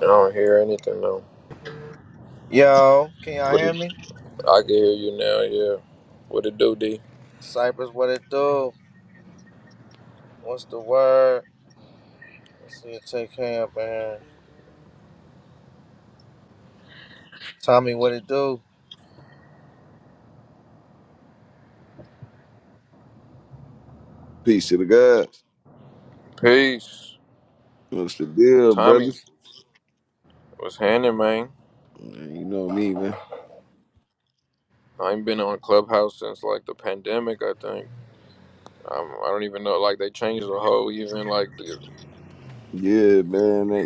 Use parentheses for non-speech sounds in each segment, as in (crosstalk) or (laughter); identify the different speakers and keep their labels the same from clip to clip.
Speaker 1: I don't hear anything though.
Speaker 2: Yo, can y'all
Speaker 1: What
Speaker 2: hear
Speaker 1: it,
Speaker 2: me?
Speaker 1: I can hear you now, yeah. What it do, D?
Speaker 2: Cypress, what it do? What's the word? Let's see it take care up in here. Tommy, what it do?
Speaker 3: Peace to the gods.
Speaker 1: Peace.
Speaker 3: What's the deal,
Speaker 1: Tommy
Speaker 3: brothers?
Speaker 1: was handing, man.
Speaker 3: Man, you know me, man.
Speaker 1: I ain't been on Clubhouse since like the pandemic, I think. Um, I don't even know. Like they changed the whole, even like the,
Speaker 3: Yeah, man. That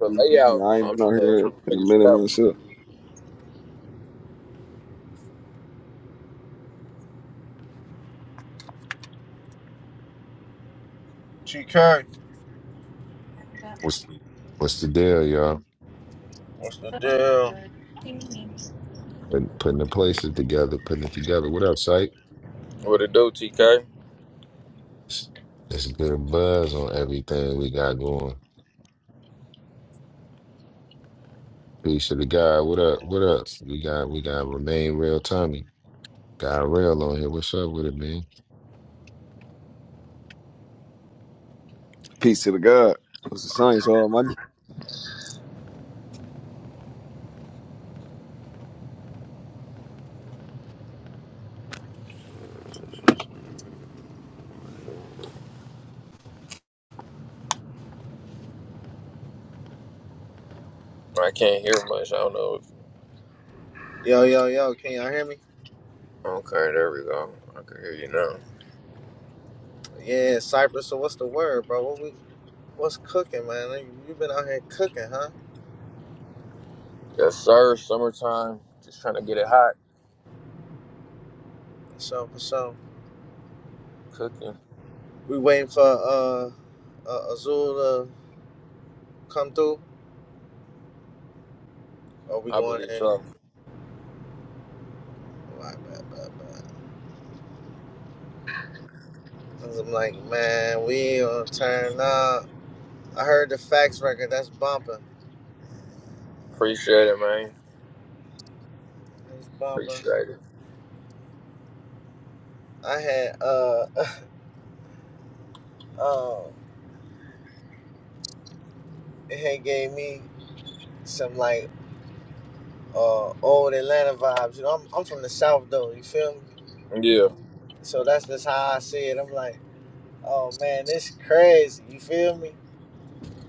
Speaker 1: the layout.
Speaker 3: I ain't
Speaker 1: I'm
Speaker 3: been
Speaker 1: trying
Speaker 3: out
Speaker 1: to, I'm
Speaker 3: here
Speaker 1: trying to
Speaker 3: in a
Speaker 1: figure shit
Speaker 3: minute
Speaker 1: out.
Speaker 3: myself.
Speaker 2: G Kirk,
Speaker 4: What's what's the deal, y'all?
Speaker 2: what's the deal?
Speaker 4: Putting, putting the places together, putting it together. What up, Syke?
Speaker 1: What it do, TK?
Speaker 4: It's, it's a good buzz on everything we got going. Peace to the guy. What up? What up? We got we got remain real, Tommy. Got real on here. What's up with it,
Speaker 3: Peace to the God. What's the science, Almighty?
Speaker 1: I can't hear much. I don't know. If,
Speaker 2: Yo, yo, yo, can y'all hear me?
Speaker 1: okay, there we go. I can hear you now.
Speaker 2: Yeah, Cypress, so what's the word, bro? What we what's cooking, man? Like, You been out here cooking, huh?
Speaker 1: Yes, sir. Summertime. Just trying to get it hot.
Speaker 2: For sure, for sure.
Speaker 1: Cooking.
Speaker 2: We waiting for uh, uh Azul to come through. Or we
Speaker 1: I
Speaker 2: going
Speaker 1: believe
Speaker 2: in?
Speaker 1: so.
Speaker 2: Right, right, right, right. 'Cause I'm like, man, we gonna turn up. I heard the fax record. That's bumping.
Speaker 1: Appreciate it, man.
Speaker 2: Miss Baba.
Speaker 1: Appreciate it.
Speaker 2: I had uh (laughs) um it had gave me some like uh old Atlanta vibes. You know, I'm I'm from the South though, you feel me?
Speaker 1: Yeah.
Speaker 2: So that's just how I see it. I'm like, oh man, this crazy, you feel me?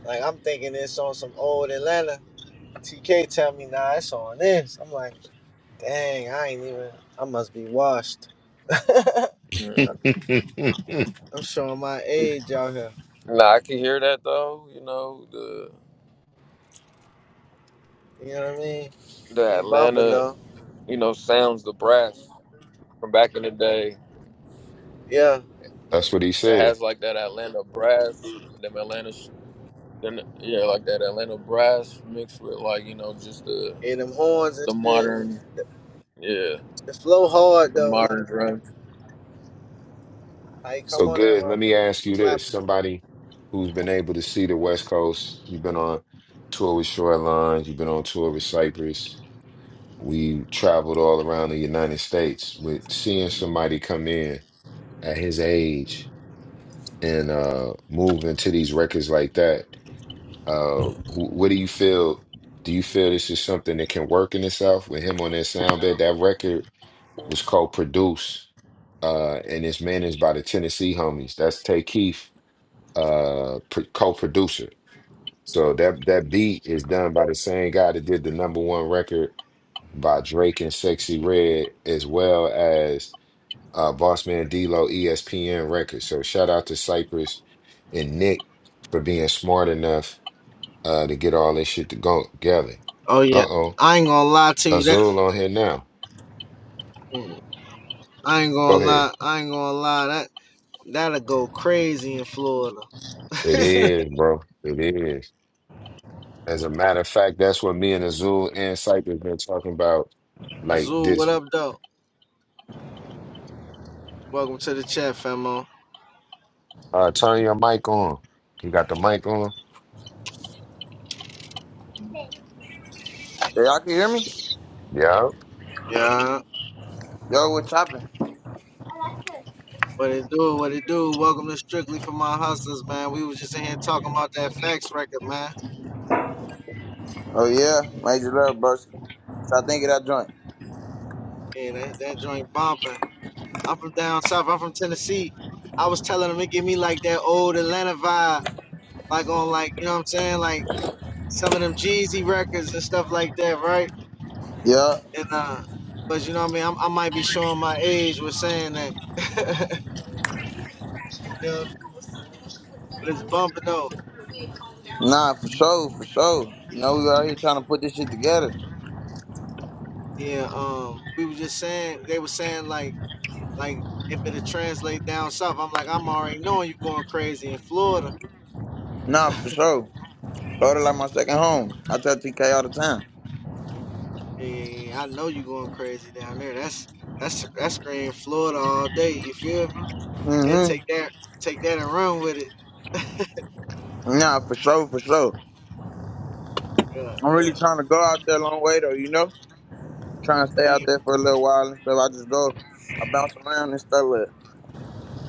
Speaker 2: Like I'm thinking this on some old Atlanta. TK tell me nah it's on this. I'm like, dang, I ain't even I must be washed. (laughs)
Speaker 1: Mm.
Speaker 4: man?
Speaker 2: I'm showing my age out here.
Speaker 1: Nah, I can hear that though. You know the
Speaker 2: You know what I mean?
Speaker 1: the
Speaker 2: He bumping
Speaker 1: Atlanta,
Speaker 2: though.
Speaker 1: you know, sounds the brass from back in the day.
Speaker 2: Yeah.
Speaker 4: (laughs) That's what he
Speaker 1: It
Speaker 4: said.
Speaker 1: has like that Atlanta brass, them Atlanta, sh- then yeah, like that Atlanta brass mixed with like you know just the
Speaker 2: And them horns and
Speaker 1: the
Speaker 2: shit.
Speaker 1: modern, yeah,
Speaker 2: The flow hard
Speaker 1: the
Speaker 2: though, like
Speaker 1: modern drum.
Speaker 2: like
Speaker 4: So
Speaker 2: come on there,
Speaker 4: good. Let me ask
Speaker 2: motherfucker,
Speaker 4: you
Speaker 2: slap
Speaker 4: this:
Speaker 2: it.
Speaker 4: somebody who's been able to see the West Coast, you've been on tour with Shoreline, you've been on tour with Cypress. We traveled all around the United States with seeing somebody come in at his age and uh move into these records like that. Uh wh- what do you feel? Do you feel this is something that can work in itself with him on that sound bed? That record was co-produced uh and it's managed by the Tennessee homies. That's Tay Keith, uh pr- co-producer. So that that beat is done by the same guy that did the number one record by Drake and Sexy Red, as well as uh, Boss D-Lo ESPN Records. So shout out to Cypress and Nick for being smart enough uh, to get all this shit to go together.
Speaker 2: Oh yeah,
Speaker 4: Uh-oh,
Speaker 2: I ain't gonna lie to you. That
Speaker 4: Azul on here now.
Speaker 2: I ain't gonna
Speaker 4: Go
Speaker 2: lie.
Speaker 4: ahead.
Speaker 2: I ain't gonna lie. That that'll go crazy in Florida.
Speaker 4: It
Speaker 2: (laughs)
Speaker 4: is, bro. It is. As a matter of fact, that's what me and Azul and Cypress been talking about. Like
Speaker 2: Azul, what
Speaker 4: this,
Speaker 2: up, though? Welcome to the chat, famo.
Speaker 4: uh, turn your mic on. You got the mic on?
Speaker 5: Hey, Y'all can hear me?
Speaker 4: Yep.
Speaker 2: Yeah,
Speaker 5: Yo, what's chopping?
Speaker 2: what it do? What it do? Welcome to Strictly for My Hustlers, man. We was just in here talking about that fax record, man.
Speaker 5: Oh yeah, major love, broski. Try thinking that joint.
Speaker 2: Yeah, that, that joint bumping. I'm from down south. I'm from Tennessee. I was telling him it give me like that old Atlanta vibe. like on like you know what I'm saying, like some of them Jeezy records and stuff like that, right?
Speaker 5: Yeah.
Speaker 2: And uh, but you know what I mean, I'm, I might be showing my age with saying that, (laughs) you know, but it's bumping though.
Speaker 5: Nah, for sure, for sure. You know we out here trying to put this shit together.
Speaker 2: Yeah, um, we were just saying they were saying like like if it'll translate down south, I'm like I'm already knowing you going crazy in Florida.
Speaker 5: Nah, for sure. Florida like my second home. I tell TK all the time.
Speaker 2: Yeah, yeah, yeah, I know you going crazy down there. That's that's that's scream Florida all day. You feel me? They take
Speaker 5: Mm-hmm.
Speaker 2: that take that and run with it.
Speaker 5: Nah, for sure, for sure.
Speaker 2: Yeah,
Speaker 5: I'm really
Speaker 2: yeah,
Speaker 5: trying to go out there a long way though, you know? Trying to stay out
Speaker 2: yeah,
Speaker 5: there for a little while and stuff. I just go, I bounce around and stuff, but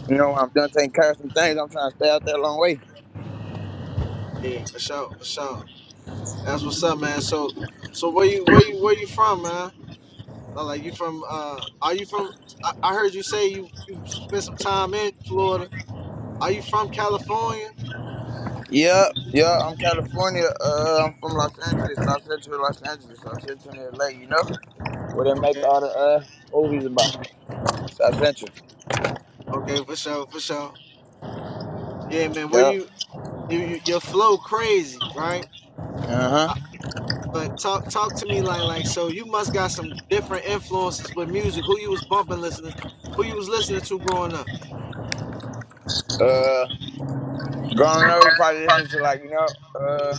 Speaker 5: you know, when I'm done taking care of some things, I'm trying to stay out there a long way.
Speaker 2: yeah, for sure, for sure. That's what's up, man. So, so where you where you where you from, man? Like like, you from? Uh, are you from? I, I heard you say you, you spent some time in Florida. Are you from California?
Speaker 5: Yeah, yeah, I'm California. Uh, I'm from Los Angeles, South Central Los Angeles, South Central LA. You know where they make
Speaker 2: Okay,
Speaker 5: all the uh movies about South Central.
Speaker 2: okay, for sure, for sure. Yeah, man. Where
Speaker 5: Yep.
Speaker 2: you? You, you your flow crazy, right?
Speaker 5: Uh huh.
Speaker 2: Uh, But talk talk to me like like so. You must got some different influences with music. Who you was bumping, listening? Who you was listening to growing up?
Speaker 5: Uh, growing up, probably listening to like you know, uh,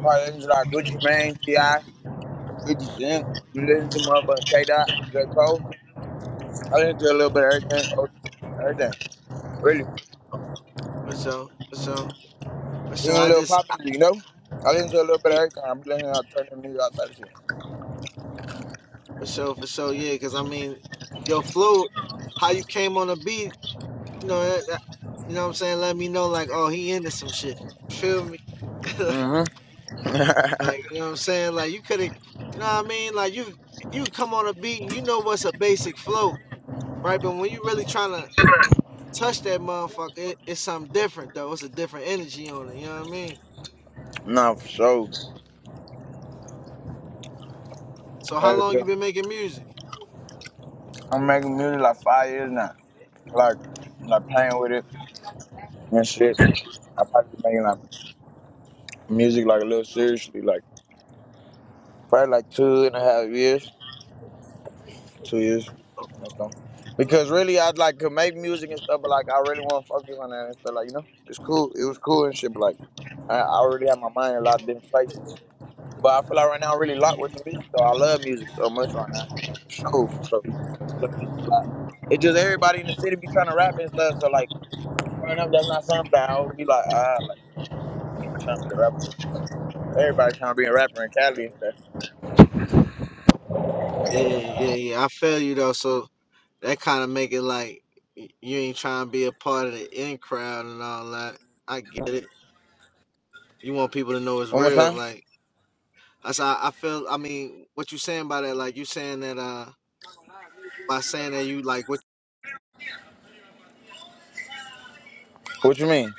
Speaker 5: probably listening to like Gucci Mane, Ti, Fifty Cent. You listen to motherfucking K Dot, J Cole. I listen to a little bit of everything, Otis, everything. Really,
Speaker 2: For sure, for sure, for sure.
Speaker 5: even a
Speaker 2: I
Speaker 5: little
Speaker 2: just
Speaker 5: pop music. You know, I listen to a little bit of everything. I'm listening to alternative music, all type
Speaker 2: For sure, for sure, yeah. Because I mean, your flow, how you came on the beat, you know, that, that- you know what I'm saying. Let me know, like, oh, he into some shit. Feel me? (laughs) like,
Speaker 5: of shit. Mm hmm.
Speaker 2: like, you know what I'm saying. Like, you could have, you know what I mean. Like, you you come on a beat, and you know what's a basic flow, right? But when you really trying to touch that motherfucker, it, it's something different though. It's a different energy on it. You know what I mean?
Speaker 5: (laughs) no, for sure.
Speaker 2: So, how
Speaker 5: Hell
Speaker 2: long
Speaker 5: yeah.
Speaker 2: you been making music?
Speaker 5: I'm making music like five years now. Like, like playing with it and shit. I probably been making like music like a little seriously, like probably like two and a half years, two years or so. Because really, I like could make music and stuff, but like I really want to focus on that and stuff. Like you know, it's cool. It was cool and shit, but like I, I already have my mind in a lot of different places. But I feel like right now I'm really locked with the music. though. I love music so much right now, for sure, for sure. I love music a lot. It just everybody in the city be trying to rap and stuff. So like. Growing up, that's not something that I would be like, ah, like, you know, I'm trying to be a rapper. Everybody trying to be a rapper in Cali and stuff.
Speaker 2: Yeah, yeah, yeah. I feel you though. So That kind of make it like you ain't trying to be a part of the in crowd and all that. I get it. You want people to know it's
Speaker 5: One more
Speaker 2: real.
Speaker 5: time.
Speaker 2: Like I. I feel. I mean, what you saying by that? Like you saying that uh by saying that you like what?
Speaker 5: What you mean?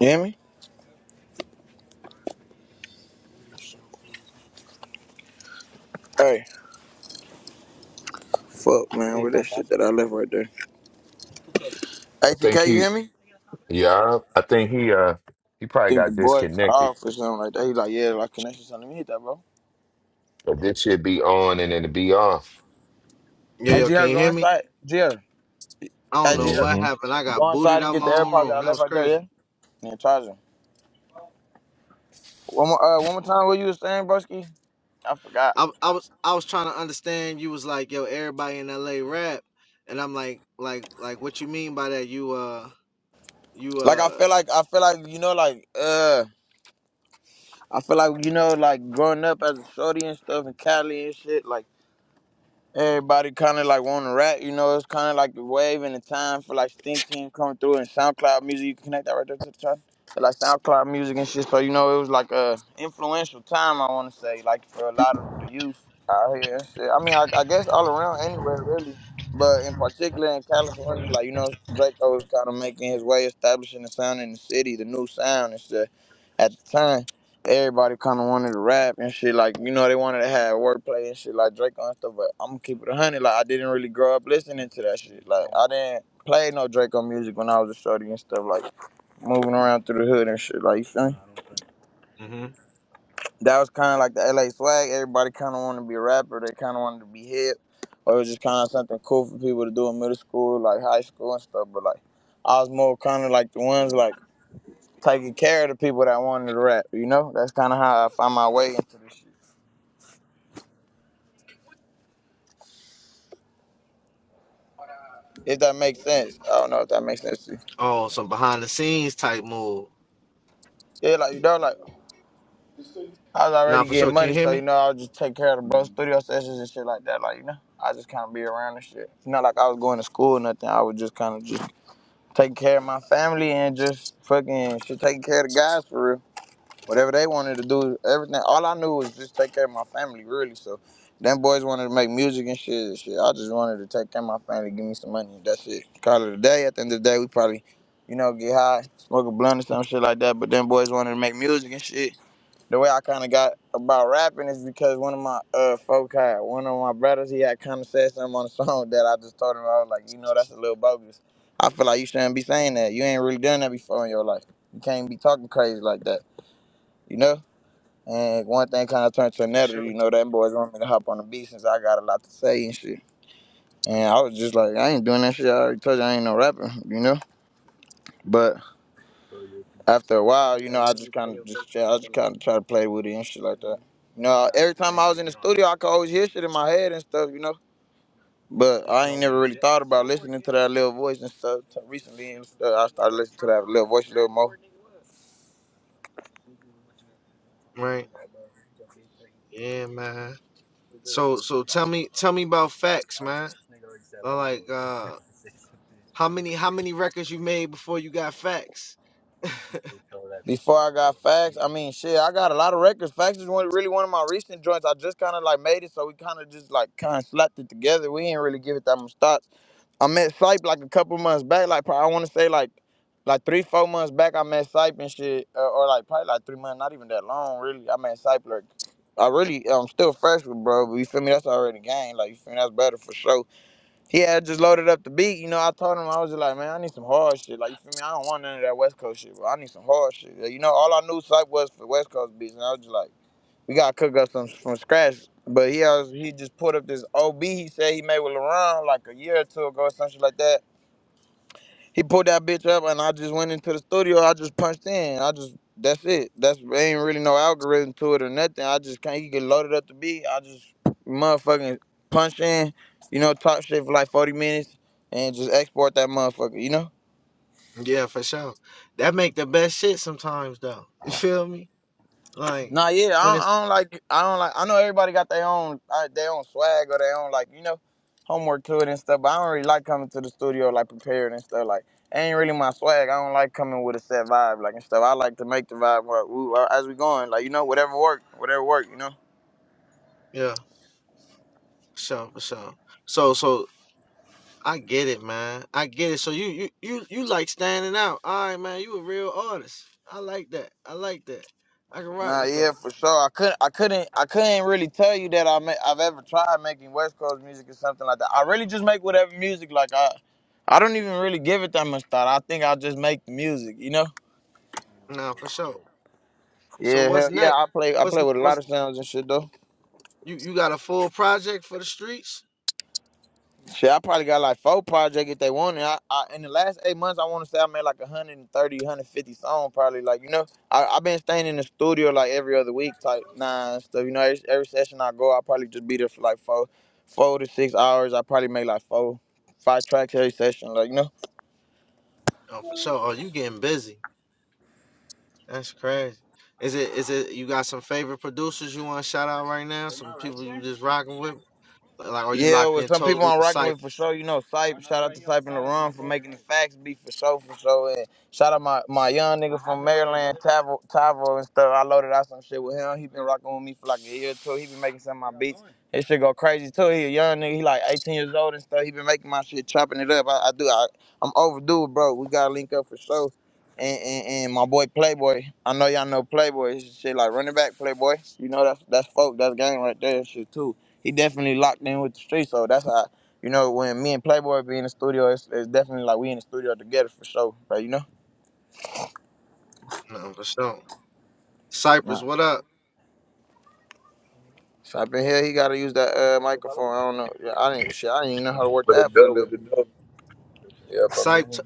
Speaker 5: You hear me? Hey, fuck, man, with that shit that I left right there.
Speaker 4: I think
Speaker 5: ATK, you
Speaker 4: you.
Speaker 5: hear me?
Speaker 4: Yeah, I think he uh he probably
Speaker 5: Think the
Speaker 4: got
Speaker 5: boy cut
Speaker 4: disconnected.
Speaker 5: off or something like that. He's like, yeah, like connection something. Let me hit that, bro.
Speaker 4: But this should be on and then it be off.
Speaker 2: Yo
Speaker 5: Hey,
Speaker 2: yo, can
Speaker 5: GR,
Speaker 2: you
Speaker 5: go
Speaker 2: hear me?
Speaker 5: inside. GR.
Speaker 2: I don't
Speaker 5: Hey,
Speaker 2: know what
Speaker 4: hmm
Speaker 5: GR.
Speaker 2: happened. I got
Speaker 5: Go
Speaker 2: booted
Speaker 5: inside and
Speaker 2: out
Speaker 5: get
Speaker 2: my
Speaker 5: the
Speaker 2: own
Speaker 5: AirPods that
Speaker 2: room.
Speaker 5: I
Speaker 2: That
Speaker 5: left
Speaker 2: was
Speaker 5: right there, yeah?
Speaker 2: crazy.
Speaker 5: And charge them. One more, uh, one more time, what you was saying, broski? I forgot.
Speaker 2: I, I was I was trying to understand. You was like, yo, everybody in LA rap, and I'm like, like, like, what you mean by that? You uh, you
Speaker 5: Like I
Speaker 2: uh,
Speaker 5: feel like I feel like you know like uh I feel like you know, like growing up as a shorty and stuff in Cali and shit, like everybody kind of like want to rap. You know, it's kind of like the wave and the time for like Stink Team coming through and SoundCloud music. You can connect that right there to the chart. So, like SoundCloud music and shit. So you know, it was like a influential time. I want to say, like for a lot of the youth out here and shit. I mean, I, I guess all around anywhere really, but in particular in California, like you know, Draco was kind of making his way, establishing the sound in the city, the new sound and stuff at the time everybody kind of wanted to rap and shit. Like, you know, they wanted to have wordplay and shit like Draco and stuff. But I'm gonna keep it a hundred. Like, I didn't really grow up listening to that shit. Like, I didn't play no Draco music when I was a shorty and stuff. Like, moving around through the hood and shit. Like, you feel me?
Speaker 2: hmm
Speaker 5: That was kind of like the LA swag. Everybody kind of wanted to be a rapper. They kind of wanted to be hip. Or it was just kind of something cool for people to do in middle school, like high school and stuff. But like, I was more kind of like the ones like taking care of the people that wanted to rap. You know, that's kind of how I found my way into this shit. If that makes sense. I don't know if that makes sense to you.
Speaker 2: oh, some behind the scenes type move.
Speaker 5: Yeah, like you know, like I was
Speaker 2: Nah,
Speaker 5: already
Speaker 2: for sure.
Speaker 5: getting
Speaker 2: Can you
Speaker 5: money,
Speaker 2: hear
Speaker 5: so you
Speaker 2: me?
Speaker 5: know, I'll just take care of the bro studio sessions and shit like that. Like, you know, I just kinda be around and shit. It's not like I was going to school or nothing. I was just kinda just taking care of my family and just fucking shit taking care of the guys for real. whatever they wanted to do, everything. All I knew was just take care of my family, really. So, them boys wanted to make music and shit. and shit. I just wanted to take care of my family, give me some money. That's it. Call it a day. At the end of the day, we probably, you know, get high, smoke a blunt or some shit like that. But them boys wanted to make music and shit. The way I kind of got about rapping is because one of my uh folk had one of my brothers. He had kind of said something on the (laughs) song that I just told him. I was like, you know, that's a little bogus. I feel like you shouldn't be saying that. You ain't really done that before in your life. You can't be talking crazy like that. You know. And one thing kind of turned to
Speaker 2: For
Speaker 5: another,
Speaker 2: sure.
Speaker 5: you know, that boys want me to hop on the beat since I got a lot to say and shit. And I was just like, I ain't doing that shit. I already told you I ain't no rapper, you know. But after a while, you know, I just kind of just, I just kind of try to play with it and shit like that. You know, every time I was in the studio, I could always hear shit in my head and stuff, you know. But I ain't never really thought about listening to that little voice and stuff. Till Recently, and stuff, I started listening to that little voice a little more.
Speaker 2: Right. Yeah, man. So so tell me tell me about facts, man. Uh, Like uh how many how many records you made before you got facts? (laughs)
Speaker 5: Before I got facts, I mean, shit, I got a lot of records. Facts is one, really one of my recent joints. I just kind of like made it, so we kind of just like kind of slapped it together. We ain't really give it that much thoughts. I met Sype like a couple months back, like probably, I want to say like like three, four months back. I met Sype and shit, uh, or like probably like three months, not even that long, really. I met Sype like I really, I'm still fresh with bro, but you feel me? That's already game, like you feel me? That's better for sure. Yeah, had just loaded up the beat. You know, I told him I was just like, man, I need some hard shit. Like you feel me? I don't want none of that West Coast shit, bro. I need some hard shit. Like, you know, all I knew Sype was for West Coast beats, and I was just like, we gotta cook up some from scratch. But he also, he just put up this OB he said he made with LaRon like a year or two ago or some shit like that. He pulled that bitch up, and I just went into the studio. I just punched in. I just that's it. That's ain't really no algorithm to it or nothing. I just can't. He get loaded up the beat. I just motherfucking punch in. You know, talk shit for like forty minutes, and just export that motherfucker. You know.
Speaker 2: Yeah, for sure. That make the best shit sometimes though. You feel me? Like
Speaker 5: Nah, yeah,
Speaker 2: when
Speaker 5: I don't,
Speaker 2: it's
Speaker 5: I don't like. I don't like. I know everybody got their own, uh, their own swag or their own like, you know, homework to it and stuff. But I don't really like coming to the studio like prepared and stuff. Like, ain't really my swag. I don't like coming with a set vibe like and stuff. I like to make the vibe like, ooh, uh, as we going, like you know, whatever work, whatever work, you know.
Speaker 2: yeah, for sure, for sure. So so I get it, man. I get it. So you you you you like standing out. All right, man, you a real artist. I like that. I like that. I can rock
Speaker 5: Nah,
Speaker 2: with
Speaker 5: yeah,
Speaker 2: that.
Speaker 5: for sure. I couldn't, I couldn't, I couldn't really tell you that I ma- I've ever tried making West Coast music or something like that. I really just make whatever music. Like I, I don't even really give it that much thought. I think I just make the music, you know.
Speaker 2: Nah, for sure. So
Speaker 5: Yeah, hell
Speaker 2: what's
Speaker 5: yeah.
Speaker 2: next?
Speaker 5: I play I
Speaker 2: What's
Speaker 5: play with a lot
Speaker 2: what's
Speaker 5: of sounds and shit though.
Speaker 2: you you got a full project for the streets?
Speaker 5: Shit, I probably got like four projects if they wanted. I, I in the last eight months, I want to say I made like a hundred and thirty, hundred fifty songs probably. Like you know, I I been staying in the studio like every other week type nah and stuff. You know, every, every session I go, I probably just be there for like four, four to six hours. I probably make like four, five tracks every session. Like you know.
Speaker 2: Oh, for sure. Oh, you getting busy. That's crazy. Is it is it you got some favorite producers you want to shout out right now? Some people you just rocking with? Like, are you
Speaker 5: Yeah,
Speaker 2: locked
Speaker 5: with
Speaker 2: in
Speaker 5: some people
Speaker 2: totally
Speaker 5: I'm
Speaker 2: to
Speaker 5: rocking with for
Speaker 2: Cypress?
Speaker 5: sure, you know, Sype. Shout out to Sype and LaRon for making the facts be for sure, for sure. And shout out my, my young nigga from Maryland, Tavo, Tavo and stuff. I loaded out some shit with him. He been rocking with me for like a year or two. He been making some of my beats. His shit go crazy too. He a young nigga. He like 18 years old and stuff. He been making my shit, chopping it up. I, I do. I, I'm overdue, bro. We gotta link up for sure. And, and, and my boy Playboy. I know y'all know Playboy. His shit like running back Playboy. You know that's that's folk. That's gang right there. and Shit too he definitely locked in with the street. So that's how you know when me and Playboy be in the studio, it's, it's definitely like we in the studio together for sure. Like you know.
Speaker 2: No, for sure. Cypress,
Speaker 5: Right.
Speaker 2: what up?
Speaker 5: So up in here, he gotta use that uh, microphone. I don't know. Yeah, I didn't. Shit, I didn't even know how to work
Speaker 1: But it
Speaker 5: that for
Speaker 1: does
Speaker 5: a
Speaker 1: what
Speaker 5: little bit.
Speaker 1: it does. Yep, I
Speaker 2: Cyp,
Speaker 1: mean,
Speaker 2: t-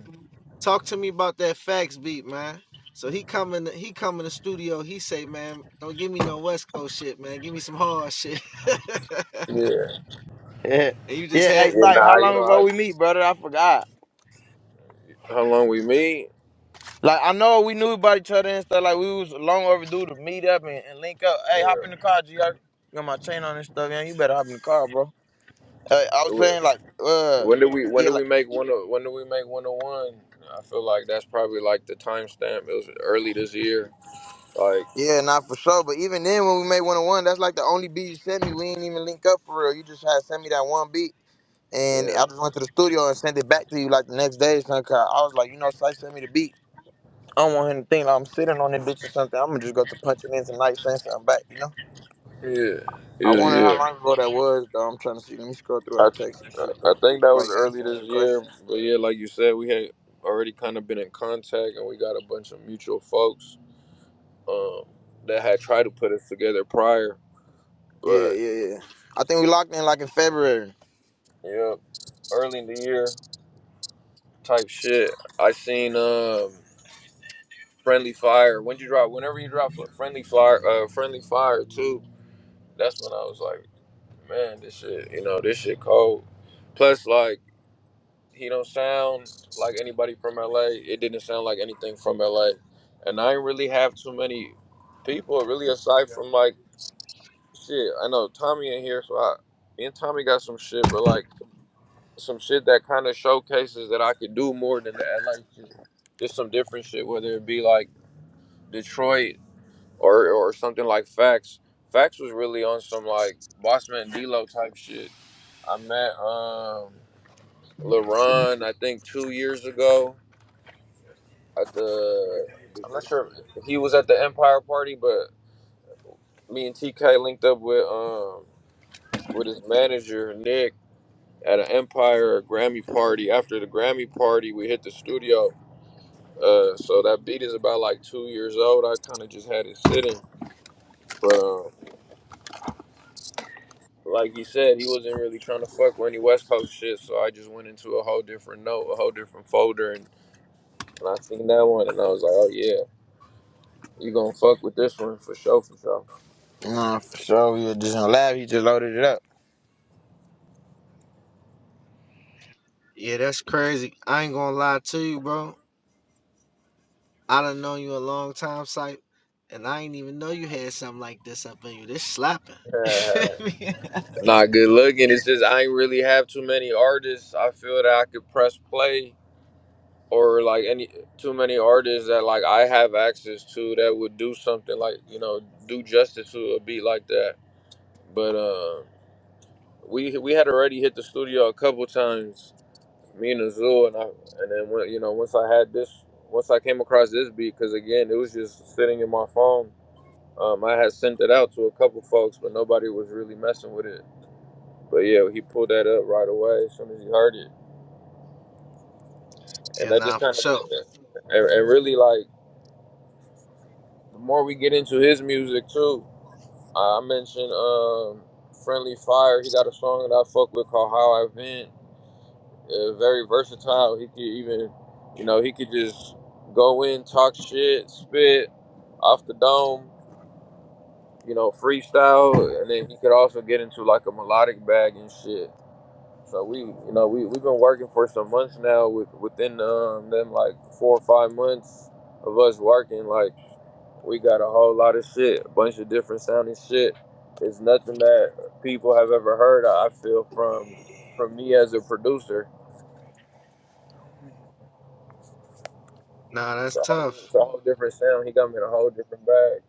Speaker 2: talk to me about that fax beat, man. So he come in, the, he come in the studio. He say, man, don't give me no West Coast shit, man. Give me some hard shit. (laughs)
Speaker 1: yeah,
Speaker 5: Yeah,
Speaker 2: and you just
Speaker 5: yeah.
Speaker 2: had
Speaker 5: Hey,
Speaker 1: yeah.
Speaker 5: Syke,
Speaker 1: Nah,
Speaker 5: how
Speaker 1: you know,
Speaker 5: long ago
Speaker 1: I
Speaker 5: we meet, brother? I forgot.
Speaker 1: how long we meet?
Speaker 5: Like I know we knew about each other and stuff. Like we was long overdue to meet up and, and link up. Hey, hop in the
Speaker 1: Yeah,
Speaker 5: car, G. I got my chain on and stuff, man. You better hop in the car, bro. Uh, I was saying like, uh,
Speaker 1: When do we when
Speaker 5: yeah,
Speaker 1: do
Speaker 5: like.
Speaker 1: we make one o- when do we make one oh one? I feel like that's probably like the timestamp. It was early this year. Like
Speaker 5: Yeah, not for sure. But even then, when we made one on one, that's like the only beat you sent me. We ain't even link up for real. You just had sent me that one beat, and
Speaker 1: yeah.
Speaker 5: I just went to the studio and sent it back to you like the next day. or something, 'cause I was like, you know, Slice sent me the beat. I don't want him to think like I'm sitting on that bitch or something. I'm gonna just go to punch it in tonight, send something back. You know.
Speaker 1: Yeah.
Speaker 5: I
Speaker 1: Yeah,
Speaker 5: wonder how
Speaker 1: yeah.
Speaker 5: long ago that was though. I'm trying to see. Let me scroll through our
Speaker 1: I
Speaker 5: text and
Speaker 1: I
Speaker 5: shit
Speaker 1: I
Speaker 5: though.
Speaker 1: think that was
Speaker 5: Like
Speaker 1: early
Speaker 5: answering
Speaker 1: this
Speaker 5: some
Speaker 1: year.
Speaker 5: questions.
Speaker 1: But yeah, like you said, we had already kinda been in contact and we got a bunch of mutual folks um that had tried to put us together prior.
Speaker 5: Yeah,
Speaker 1: But
Speaker 5: yeah, yeah. I think we locked in like in February.
Speaker 1: yeah, early in the year type shit. I seen um Friendly Fire. When you drop, whenever you drop Friendly Fire, uh, Friendly Fire too. That's when I was like, man, this shit, you know, this shit cold. Plus, like, he don't sound like anybody from LA. It didn't sound like anything from LA, and I didn't really have too many people really aside from like shit. I know Tommy in here, so I. Me and Tommy got some shit, but like some shit that kind of showcases that I could do more than the LA shit. Just some different shit, whether it be like Detroit or or something like Facts. Facts was really on some like Bossman and D'Lo type shit. I met um LaRon, I think two years ago at the. I'm not sure if he was at the Empire party, but me and TK linked up with um with his manager Nick at an Empire Grammy party. After the Grammy party, we hit the studio. Uh, so that beat is about like two years old. I kind of just had it sitting, but um. like you said, he wasn't really trying to fuck with any West Coast shit. So I just went into a whole different note, a whole different folder, and, and I seen that one, and I was like, oh yeah, you gonna fuck with this one for sure, for sure.
Speaker 5: Nah, for sure. We were just in the lab. He just loaded it up.
Speaker 2: Yeah, that's crazy. I ain't gonna lie to you, bro. I done known you a long time, Sipe, and I ain't even know you had something like this up in you. This slapping. (laughs) You
Speaker 1: (laughs)
Speaker 2: feel me?
Speaker 1: Not good looking. It's just I ain't really have too many artists. I feel that I could press play or like any too many artists that like I have access to that would do something like you know do justice to a beat like that. But uh, we we had already hit the studio a couple times me and the zoo, and I, and then when, you know, once I had this, once I came across this beat, because again, it was just sitting in my phone. Um, I had sent it out to a couple folks, but nobody was really messing with it. But yeah, he pulled that up right away as soon as he heard it, and
Speaker 2: yeah,
Speaker 1: that
Speaker 2: nah,
Speaker 1: just
Speaker 2: for
Speaker 1: kind of,
Speaker 2: sure.
Speaker 1: and, and really like the more we get into his music too. I mentioned um, Friendly Fire. He got a song that I fuck with called How I Vent uh, very versatile. He could even, you know, he could just go in, talk shit, spit off the dome, you know, freestyle, and then he could also get into like a melodic bag and shit. So we, you know, we we've been working for some months now. With within um, them like four or five months of us working, like we got a whole lot of shit, a bunch of different sounding shit. It's nothing that people have ever heard. I I feel from from me as a producer
Speaker 2: Nah,
Speaker 1: It's
Speaker 2: that's
Speaker 1: a whole different, it's
Speaker 2: tough.
Speaker 1: a whole different sound. He got me in a whole different bag.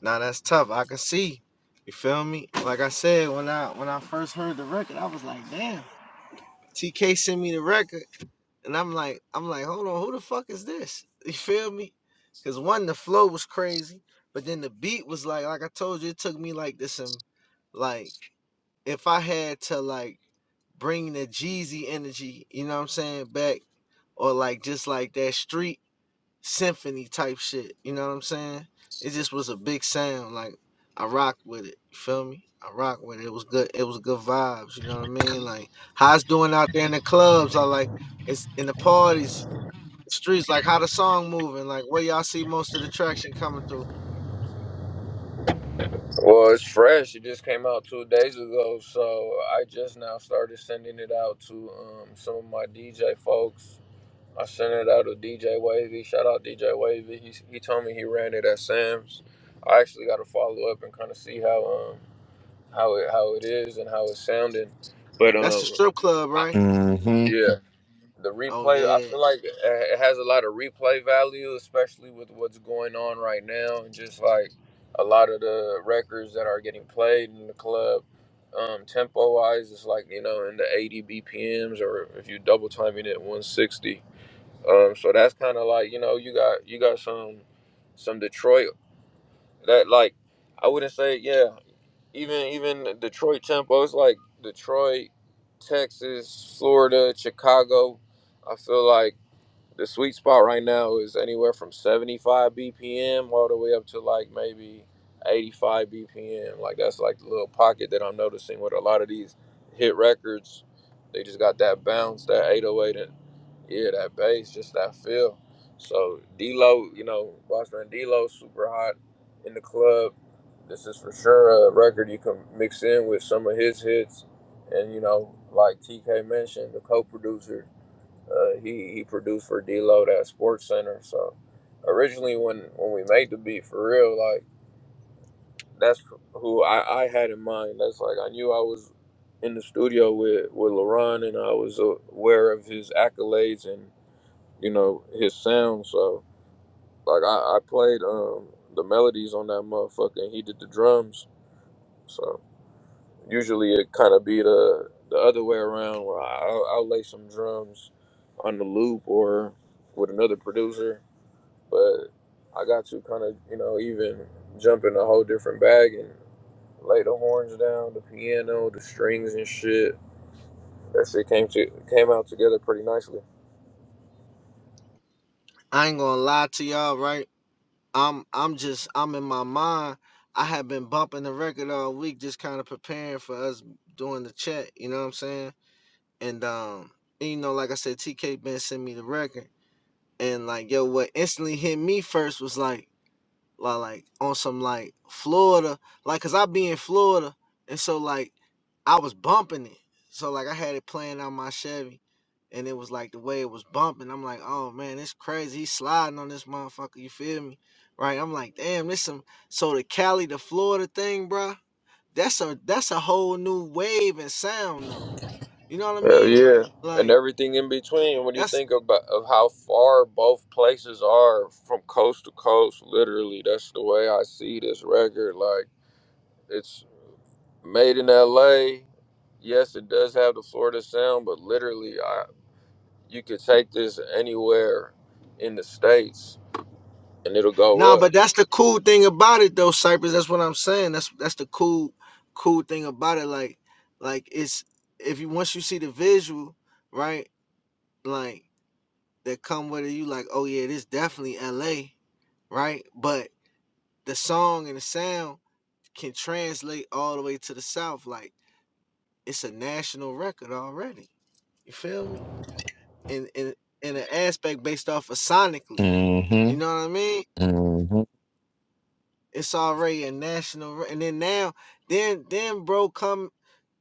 Speaker 2: Nah, that's tough. I can see. You feel me? Like I said, when I when I first heard the record, I was like, damn. TK sent me the record. And I'm like, I'm like, hold on, who the fuck is this? (laughs) You feel me? Cause one, the flow was crazy, but then the beat was like, like I told you, it took me like this some like if I had to like bring the Jeezy energy, you know what I'm saying, back, or like just like that street symphony type shit. You know what I'm saying? It just was a big sound. Like I rocked with it. You feel me? I rocked with it. It was good. It was good vibes. You know what I mean? Like how it's doing out there in the clubs. I like it's in the parties, streets. Like how the song moving. Like where y'all see most of the traction coming through.
Speaker 1: Well, it's fresh. It just came out two days ago, so I just now started sending it out to um, some of my DJ folks. I sent it out to DJ Wavy. Shout out DJ Wavy. He he told me he ran it at Sam's. I actually got to follow up and kind of see how um how it how it is and how it's sounding. But
Speaker 2: That's the
Speaker 1: um
Speaker 2: strip club,
Speaker 1: I,
Speaker 2: right?
Speaker 4: hmm
Speaker 1: yeah. the
Speaker 2: Oh
Speaker 1: replay i
Speaker 2: yeah.
Speaker 1: feel like it has a lot of replay value especially with what's going on right now and just like a lot of the records that are getting played in the club um, tempo wise it's like you know in the 80 bpms or if you double timing it 160 um, so that's kind of like you know you got you got some some detroit that like I wouldn't say yeah. Even even Detroit tempo. It's like Detroit, Texas, Florida, Chicago. I feel like. The sweet spot right now is anywhere from 75 BPM all the way up to like maybe 85 BPM. Like that's like the little pocket that I'm noticing with a lot of these hit records. They just got that bounce, that 808, and yeah, that bass, just that feel. So D-Lo, you know, Bossman D-Lo, super hot in the club. This is for sure a record you can mix in with some of his hits, and you know, like TK mentioned, the co-producer. Uh, he he produced for D Lo at Sports Center. So originally, when when we made the beat for real, like that's who I, I had in mind. That's like I knew I was in the studio with with LaRon, and I was aware of his accolades and you know his sound. So like I, I played um the melodies on that motherfucker, and he did the drums. So usually it kind of be the the other way around, where I, I'll, I'll lay some drums on the loop or with another producer But I got to kind of, you know, even jump in a whole different bag and lay the horns down, the piano, the strings and shit. That shit came to came out together pretty nicely.
Speaker 2: I ain't gonna lie to y'all, right? I'm I'm just I'm in my mind. I have been bumping the record all week, just kind of preparing for us doing the chat. You know what I'm saying? And um, and, you know, like I said, TK Ben sent me the record, and like yo, what instantly hit me first was like, like, like on some like Florida, like cause I be in Florida, and so like I was bumping it, so like I had it playing on my Chevy, and it was like the way it was bumping. I'm like, oh man, it's crazy. He's sliding on this motherfucker. You feel me? Right? I'm like, damn, this some so the Cali to Florida thing, bruh, That's a that's a whole new wave and sound though. You know what I
Speaker 1: Hell
Speaker 2: mean?
Speaker 1: yeah. And
Speaker 2: Like.
Speaker 1: everything in between. What do you
Speaker 2: That's
Speaker 1: think about of how far both places are from coast to coast? Literally, that's the way I see this record. Like it's made in L.A. Yes, it does have the Florida sound, but literally, I you could take this anywhere in the states and it'll
Speaker 2: nah,
Speaker 1: go up.
Speaker 2: but that's the cool thing about it though, Cypress. That's what I'm saying. That's that's the cool cool thing about it. Like like it's if you once you see the visual, right? Like that come with it, you like, oh yeah, this definitely LA, right? But the song and the sound can translate all the way to the south. Like it's a national record already. You feel me? In in in an aspect based off of sonically.
Speaker 4: hmm
Speaker 2: You know what I mean?
Speaker 4: hmm
Speaker 2: It's already a national. re- And then now, then then bro, come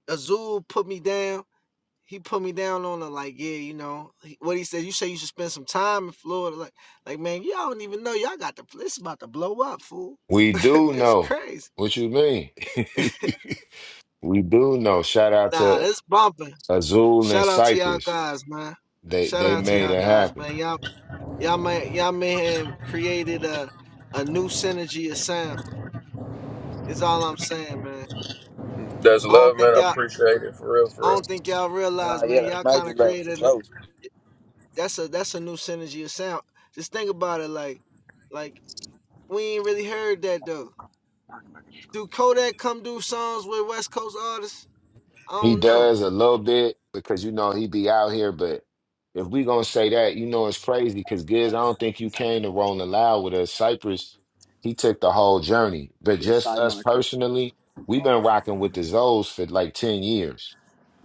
Speaker 2: Azul put me down. He put me down on it like, yeah, you know he- what he said. You say you should spend some time in Florida, like, like man, y'all don't even know y'all got the. This about to blow up, fool.
Speaker 4: We
Speaker 2: (laughs)
Speaker 4: do
Speaker 2: it's
Speaker 4: know.
Speaker 2: crazy.
Speaker 4: What you mean? (laughs) We do know. Shout out
Speaker 2: Nah,
Speaker 4: to
Speaker 2: it's bumping.
Speaker 4: Azul and
Speaker 2: Shout out to y'all
Speaker 4: Cypress.
Speaker 2: guys, man.
Speaker 4: They
Speaker 2: Shout
Speaker 4: they
Speaker 2: out to
Speaker 4: made
Speaker 2: y'all
Speaker 4: it
Speaker 2: guys,
Speaker 4: happen.
Speaker 2: man. Y'all y'all may y'all may have created a a new synergy of sound. It's all I'm saying, man.
Speaker 1: That's
Speaker 2: I don't
Speaker 1: love, man.
Speaker 2: think
Speaker 1: I
Speaker 2: y'all.
Speaker 1: appreciate it for real,
Speaker 2: I
Speaker 1: for
Speaker 2: don't
Speaker 1: real.
Speaker 2: think y'all
Speaker 5: Nah,
Speaker 2: realize,
Speaker 5: yeah,
Speaker 2: man.
Speaker 5: that's
Speaker 2: Y'all kind
Speaker 5: major
Speaker 2: of
Speaker 5: love for
Speaker 2: created a-
Speaker 5: sure.
Speaker 2: that's a that's a new synergy of sound. Just think about it, like like we ain't really heard that though. Do Kodak come do songs with West Coast artists? I
Speaker 4: He
Speaker 2: don't know.
Speaker 4: does a little bit because you know he be out here, but if we gonna say that, you know it's crazy because Giz, I don't think you came to Rolling Loud with us. Cypress, he took the whole journey. But just us personally, we've been rocking with the Zoes for like 10 years,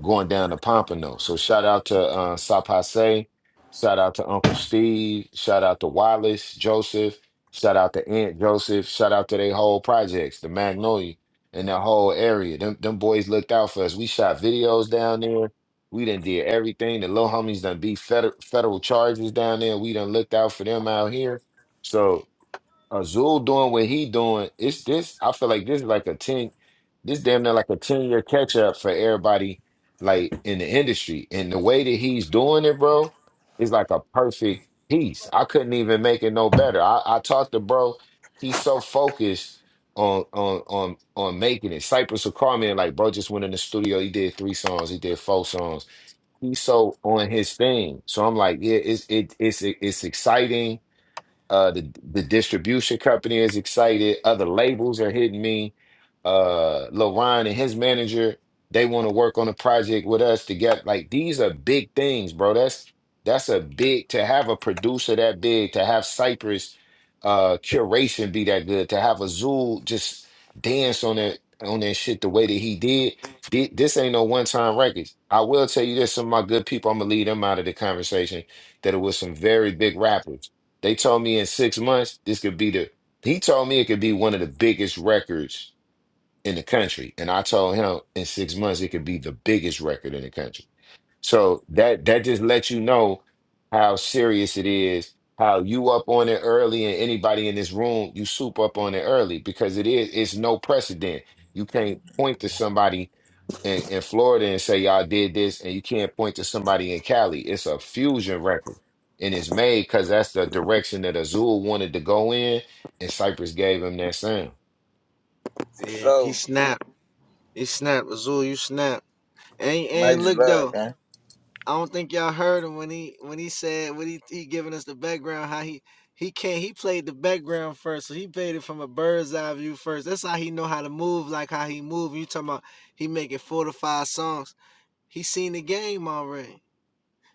Speaker 4: going down to Pompano. So shout out to uh Sapase, shout out to Uncle Steve, shout out to Wallace, Joseph, shout out to Aunt Joseph, shout out to their whole projects, the Magnolia in the whole area. Them them boys looked out for us. We shot videos down there. We done did everything. The little homies done beat federal federal charges down there. We done looked out for them out here. So Azul doing what he doing, it's this. I feel like this is like a ten, this damn near like a ten year catch up for everybody, like in the industry. And the way that he's doing it, bro, is like a perfect piece. I couldn't even make it no better. I, I talked to bro. He's so focused on on on on making it. Cypress will call me and like, bro, just went in the studio. He did three songs. He did four songs. He's so on his thing. So I'm like, yeah, it's it, it's it's exciting uh, the the distribution company is excited. Other labels are hitting me. Uh, LaRon and his manager, they want to work on a project with us together. like these are big things, bro. That's that's a big to have a producer that big, to have Cypress uh curation be that good, to have Azul just dance on that on that shit the way that he did. Thi- This ain't no one-time records. I will tell you this, some of my good people, I'm gonna leave them out of the conversation, that it was some very big rappers. They told me in six months, this could be the, he told me it could be one of the biggest records in the country. And I told him in six months, it could be the biggest record in the country. So that that just lets you know how serious it is, how you up on it early, and anybody in this room, you soup up on it early because it is it's no precedent. You can't point to somebody in, in Florida and say y'all did this, and you can't point to somebody in Cali. It's a fusion record, and it's made because that's the direction that Azul wanted to go in, and Cypress gave him that sound.
Speaker 5: for
Speaker 2: Yeah, he
Speaker 5: sure.
Speaker 2: snapped. He snapped. Azul, you snapped. And and
Speaker 5: Major
Speaker 2: look
Speaker 5: love,
Speaker 2: though,
Speaker 5: man.
Speaker 2: I don't think y'all heard him when he when he said when he he giving us the background how he. He can't. He played the background first, so he played it from a bird's eye view first. That's how he know how to move, like how he move. You talking about he making four to five songs. He seen the game already.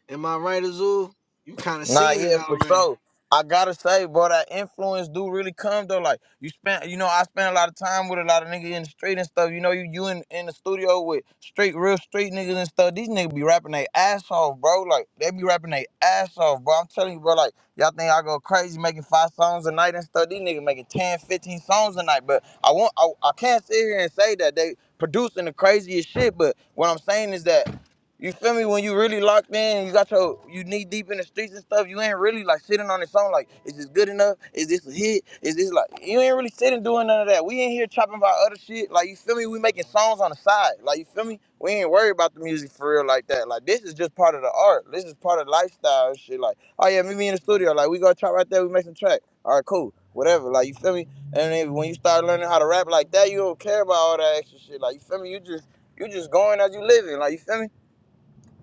Speaker 2: Am I right, Azul? You kind of
Speaker 5: Nah,
Speaker 2: seen it
Speaker 5: yeah, for
Speaker 2: already.
Speaker 5: sure. I gotta say, bro, that influence do really come though. Like you spent, you know, I spent a lot of time with a lot of niggas in the street and stuff. You know, you you in, in the studio with street, real street niggas and stuff. These niggas be rapping their ass off, bro. Like they be rapping their ass off, bro. I'm telling you, bro. Like y'all think I go crazy making five songs a night and stuff. These niggas making 10, 15 songs a night. But I want, I, I can't sit here and say that they producing the craziest shit. But what I'm saying is that You feel me? When you really locked in, you got your you knee deep in the streets and stuff. You ain't really like sitting on the song like, is this good enough? Is this a hit? Is this like you ain't really sitting doing none of that. We in here chopping about other shit. Like you feel me? We making songs on the side. Like you feel me? We ain't worried about the music for real like that. Like this is just part of the art. This is part of lifestyle and shit. Like oh yeah, meet me in the studio. Like we gonna chop right there. We make some track. All right, cool. Whatever. Like you feel me? And then when you start learning how to rap like that, you don't care about all that extra shit. Like you feel me? You just you just going as you living. Like you feel me?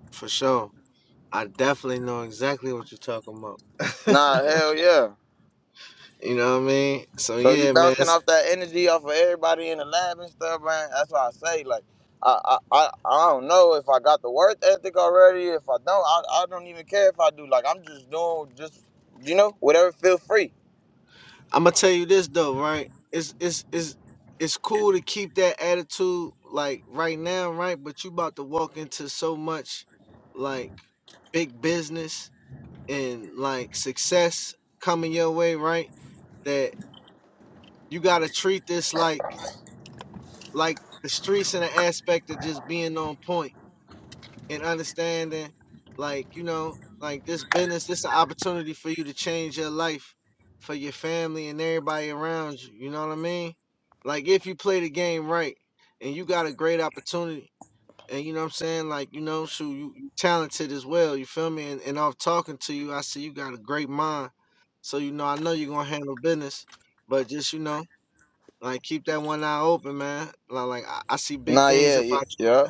Speaker 2: For sure. I definitely know exactly what you're talking about.
Speaker 5: Nah,
Speaker 2: (laughs)
Speaker 5: hell yeah.
Speaker 2: you know what I mean? So
Speaker 5: So you
Speaker 2: yeah, man.
Speaker 5: bouncing off that energy off of everybody in the lab and stuff, man. That's why I say, like, I I, I, I don't know if I got the work ethic already. If I don't, I, I don't even care if I do. Like, I'm just doing just you know whatever feel free.
Speaker 2: I'm gonna tell you this though, right? It's it's it's it's cool to keep that attitude like right now, right? But you about to walk into so much like big business and like success coming your way, right? That you gotta treat this like like the streets in the aspect of just being on point and understanding like you know like this business this an opportunity for you to change your life for your family and everybody around you you know what i mean like if you play the game right and you got a great opportunity and you know what i'm saying like you know shoot you, you talented as well you feel me and, and off talking to you i see you got a great mind so you know i know you're gonna handle business but just you know like keep that one eye open, man. Like, like I, I see big
Speaker 5: Nah,
Speaker 2: things
Speaker 5: yeah, yeah,
Speaker 2: about
Speaker 5: yeah.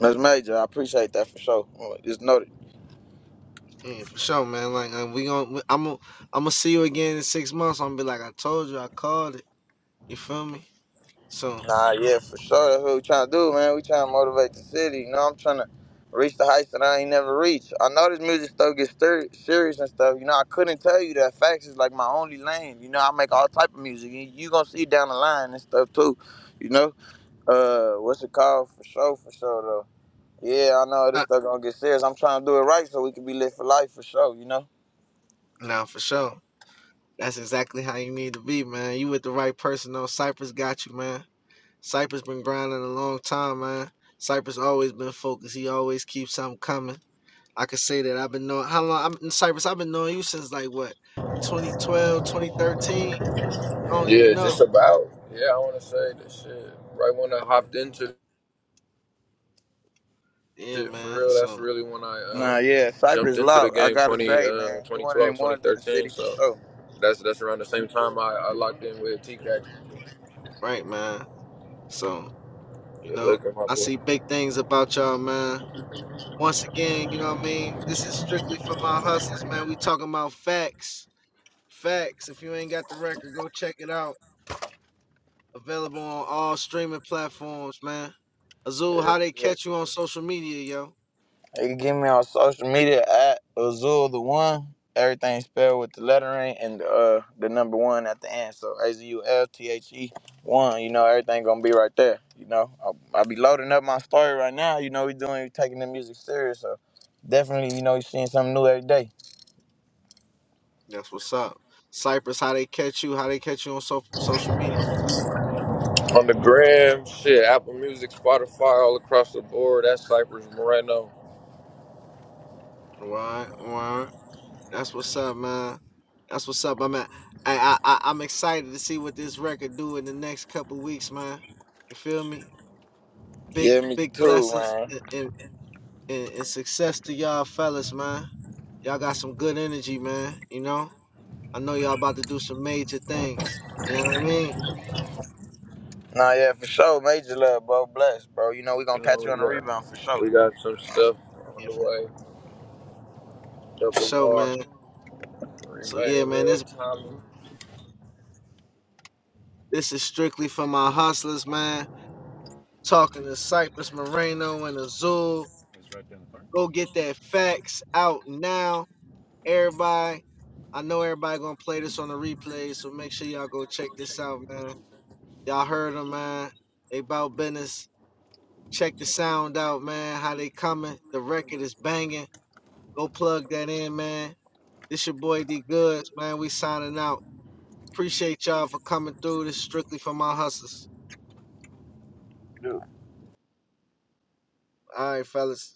Speaker 5: That's major. I appreciate that for sure. Like, Just know
Speaker 2: you, yeah, for sure, man. Like and we to I'm gonna I'm gonna see you again in six months. I'm gonna be like, I told you, I called it. You feel me? So
Speaker 5: Nah, yeah, for sure. That's what we trying to do, man. We trying to motivate the city. You know, I'm trying to reach the heights that I ain't never reached. I know this music stuff gets ser- serious and stuff. You know, I couldn't tell you that facts is like my only lane. You know, I make all type of music. You, you gonna see down the line and stuff too. You know, uh, what's it called? For sure, for sure though. Yeah, I know this
Speaker 2: uh,
Speaker 5: stuff gonna get serious. I'm trying to do it right so we can be lit for life for sure. You know.
Speaker 2: now for sure, that's exactly how you need to be, man. You with the right person though. Cypress got you, man. Cypress been grinding a long time, man. Cypress always been focused. He always keeps something coming. I could say that I've been knowing how long I'm Cypress. I've been knowing you since like what 2012, 2013. I don't even
Speaker 1: Yeah,
Speaker 2: know.
Speaker 1: just about. Yeah, I want to say this shit. Right when I hopped into
Speaker 2: Yeah,
Speaker 1: shit for
Speaker 2: man.
Speaker 1: real, that's
Speaker 2: So,
Speaker 1: really when I
Speaker 2: no,
Speaker 1: uh,
Speaker 5: Nah, yeah,
Speaker 1: jumped
Speaker 5: Cypress
Speaker 1: into the
Speaker 5: Loud. I
Speaker 1: game
Speaker 5: gotta
Speaker 1: 20,
Speaker 5: say,
Speaker 1: uh,
Speaker 5: man, he one of
Speaker 1: 2012,
Speaker 5: them ones in the city for
Speaker 1: So
Speaker 5: sure.
Speaker 1: that's that's around the same time I, I locked in with TCAC.
Speaker 2: right, man. So, you
Speaker 1: Good
Speaker 2: know,
Speaker 1: looking, my
Speaker 2: I
Speaker 1: boy.
Speaker 2: see big things about y'all, man. Once again, you know what I mean? This is strictly for my hustlers, man. We talking about facts. Facts. If you ain't got the record, go check it out. Available on all streaming platforms, man. Azul,
Speaker 5: Yeah,
Speaker 2: how they
Speaker 5: yeah.
Speaker 2: catch you on social media, yo?
Speaker 5: You can get me on social media at Azul the One. Everything spelled with the lettering and the, uh the number one at the end. So A Z U L T H E one. You know everything gonna be right there. You know I, I be loading up my story right now. You know we doing we taking the music serious. So definitely you know you seeing something new every day.
Speaker 2: That's what's up. Cypress, how they catch you, how they catch you on so- social media.
Speaker 1: On the gram, shit, Apple Music, Spotify, all across the board. That's Cypress Moreno.
Speaker 2: Right, right. That's what's up, man. That's what's up. I'm at, I, I I- I'm excited to see what this record do in the next couple weeks, man. You feel me? Big
Speaker 5: Yeah, me
Speaker 2: big
Speaker 5: too,
Speaker 2: blessings
Speaker 5: man.
Speaker 2: and and, and, and success to y'all fellas, man. Y'all got some good energy, man. You know, I know y'all about to do some major things. You know what I mean?
Speaker 5: Nah, yeah, for sure. Major love, bro. Bless, bro. You know we gonna
Speaker 1: You know,
Speaker 5: catch you
Speaker 1: we
Speaker 5: on the rebound for
Speaker 1: got
Speaker 5: sure.
Speaker 1: we got some stuff on the way. Double
Speaker 2: So,
Speaker 1: R.
Speaker 2: man. So
Speaker 1: Remake
Speaker 2: yeah, man.
Speaker 1: real
Speaker 2: This
Speaker 1: time.
Speaker 2: this is strictly for my hustlers, man. Talking to Cypress Moreno and Azul. Go get that facts out now. Everybody, I know everybody gonna play this on the replay, so make sure y'all go check this out, man. Y'all heard them, man. They about business. Check the sound out, man. How they coming? The record is banging. Go plug that in, man. This your boy D Goods, man. We signing out. Appreciate y'all for coming through. This is strictly for my hustlers. All right, fellas.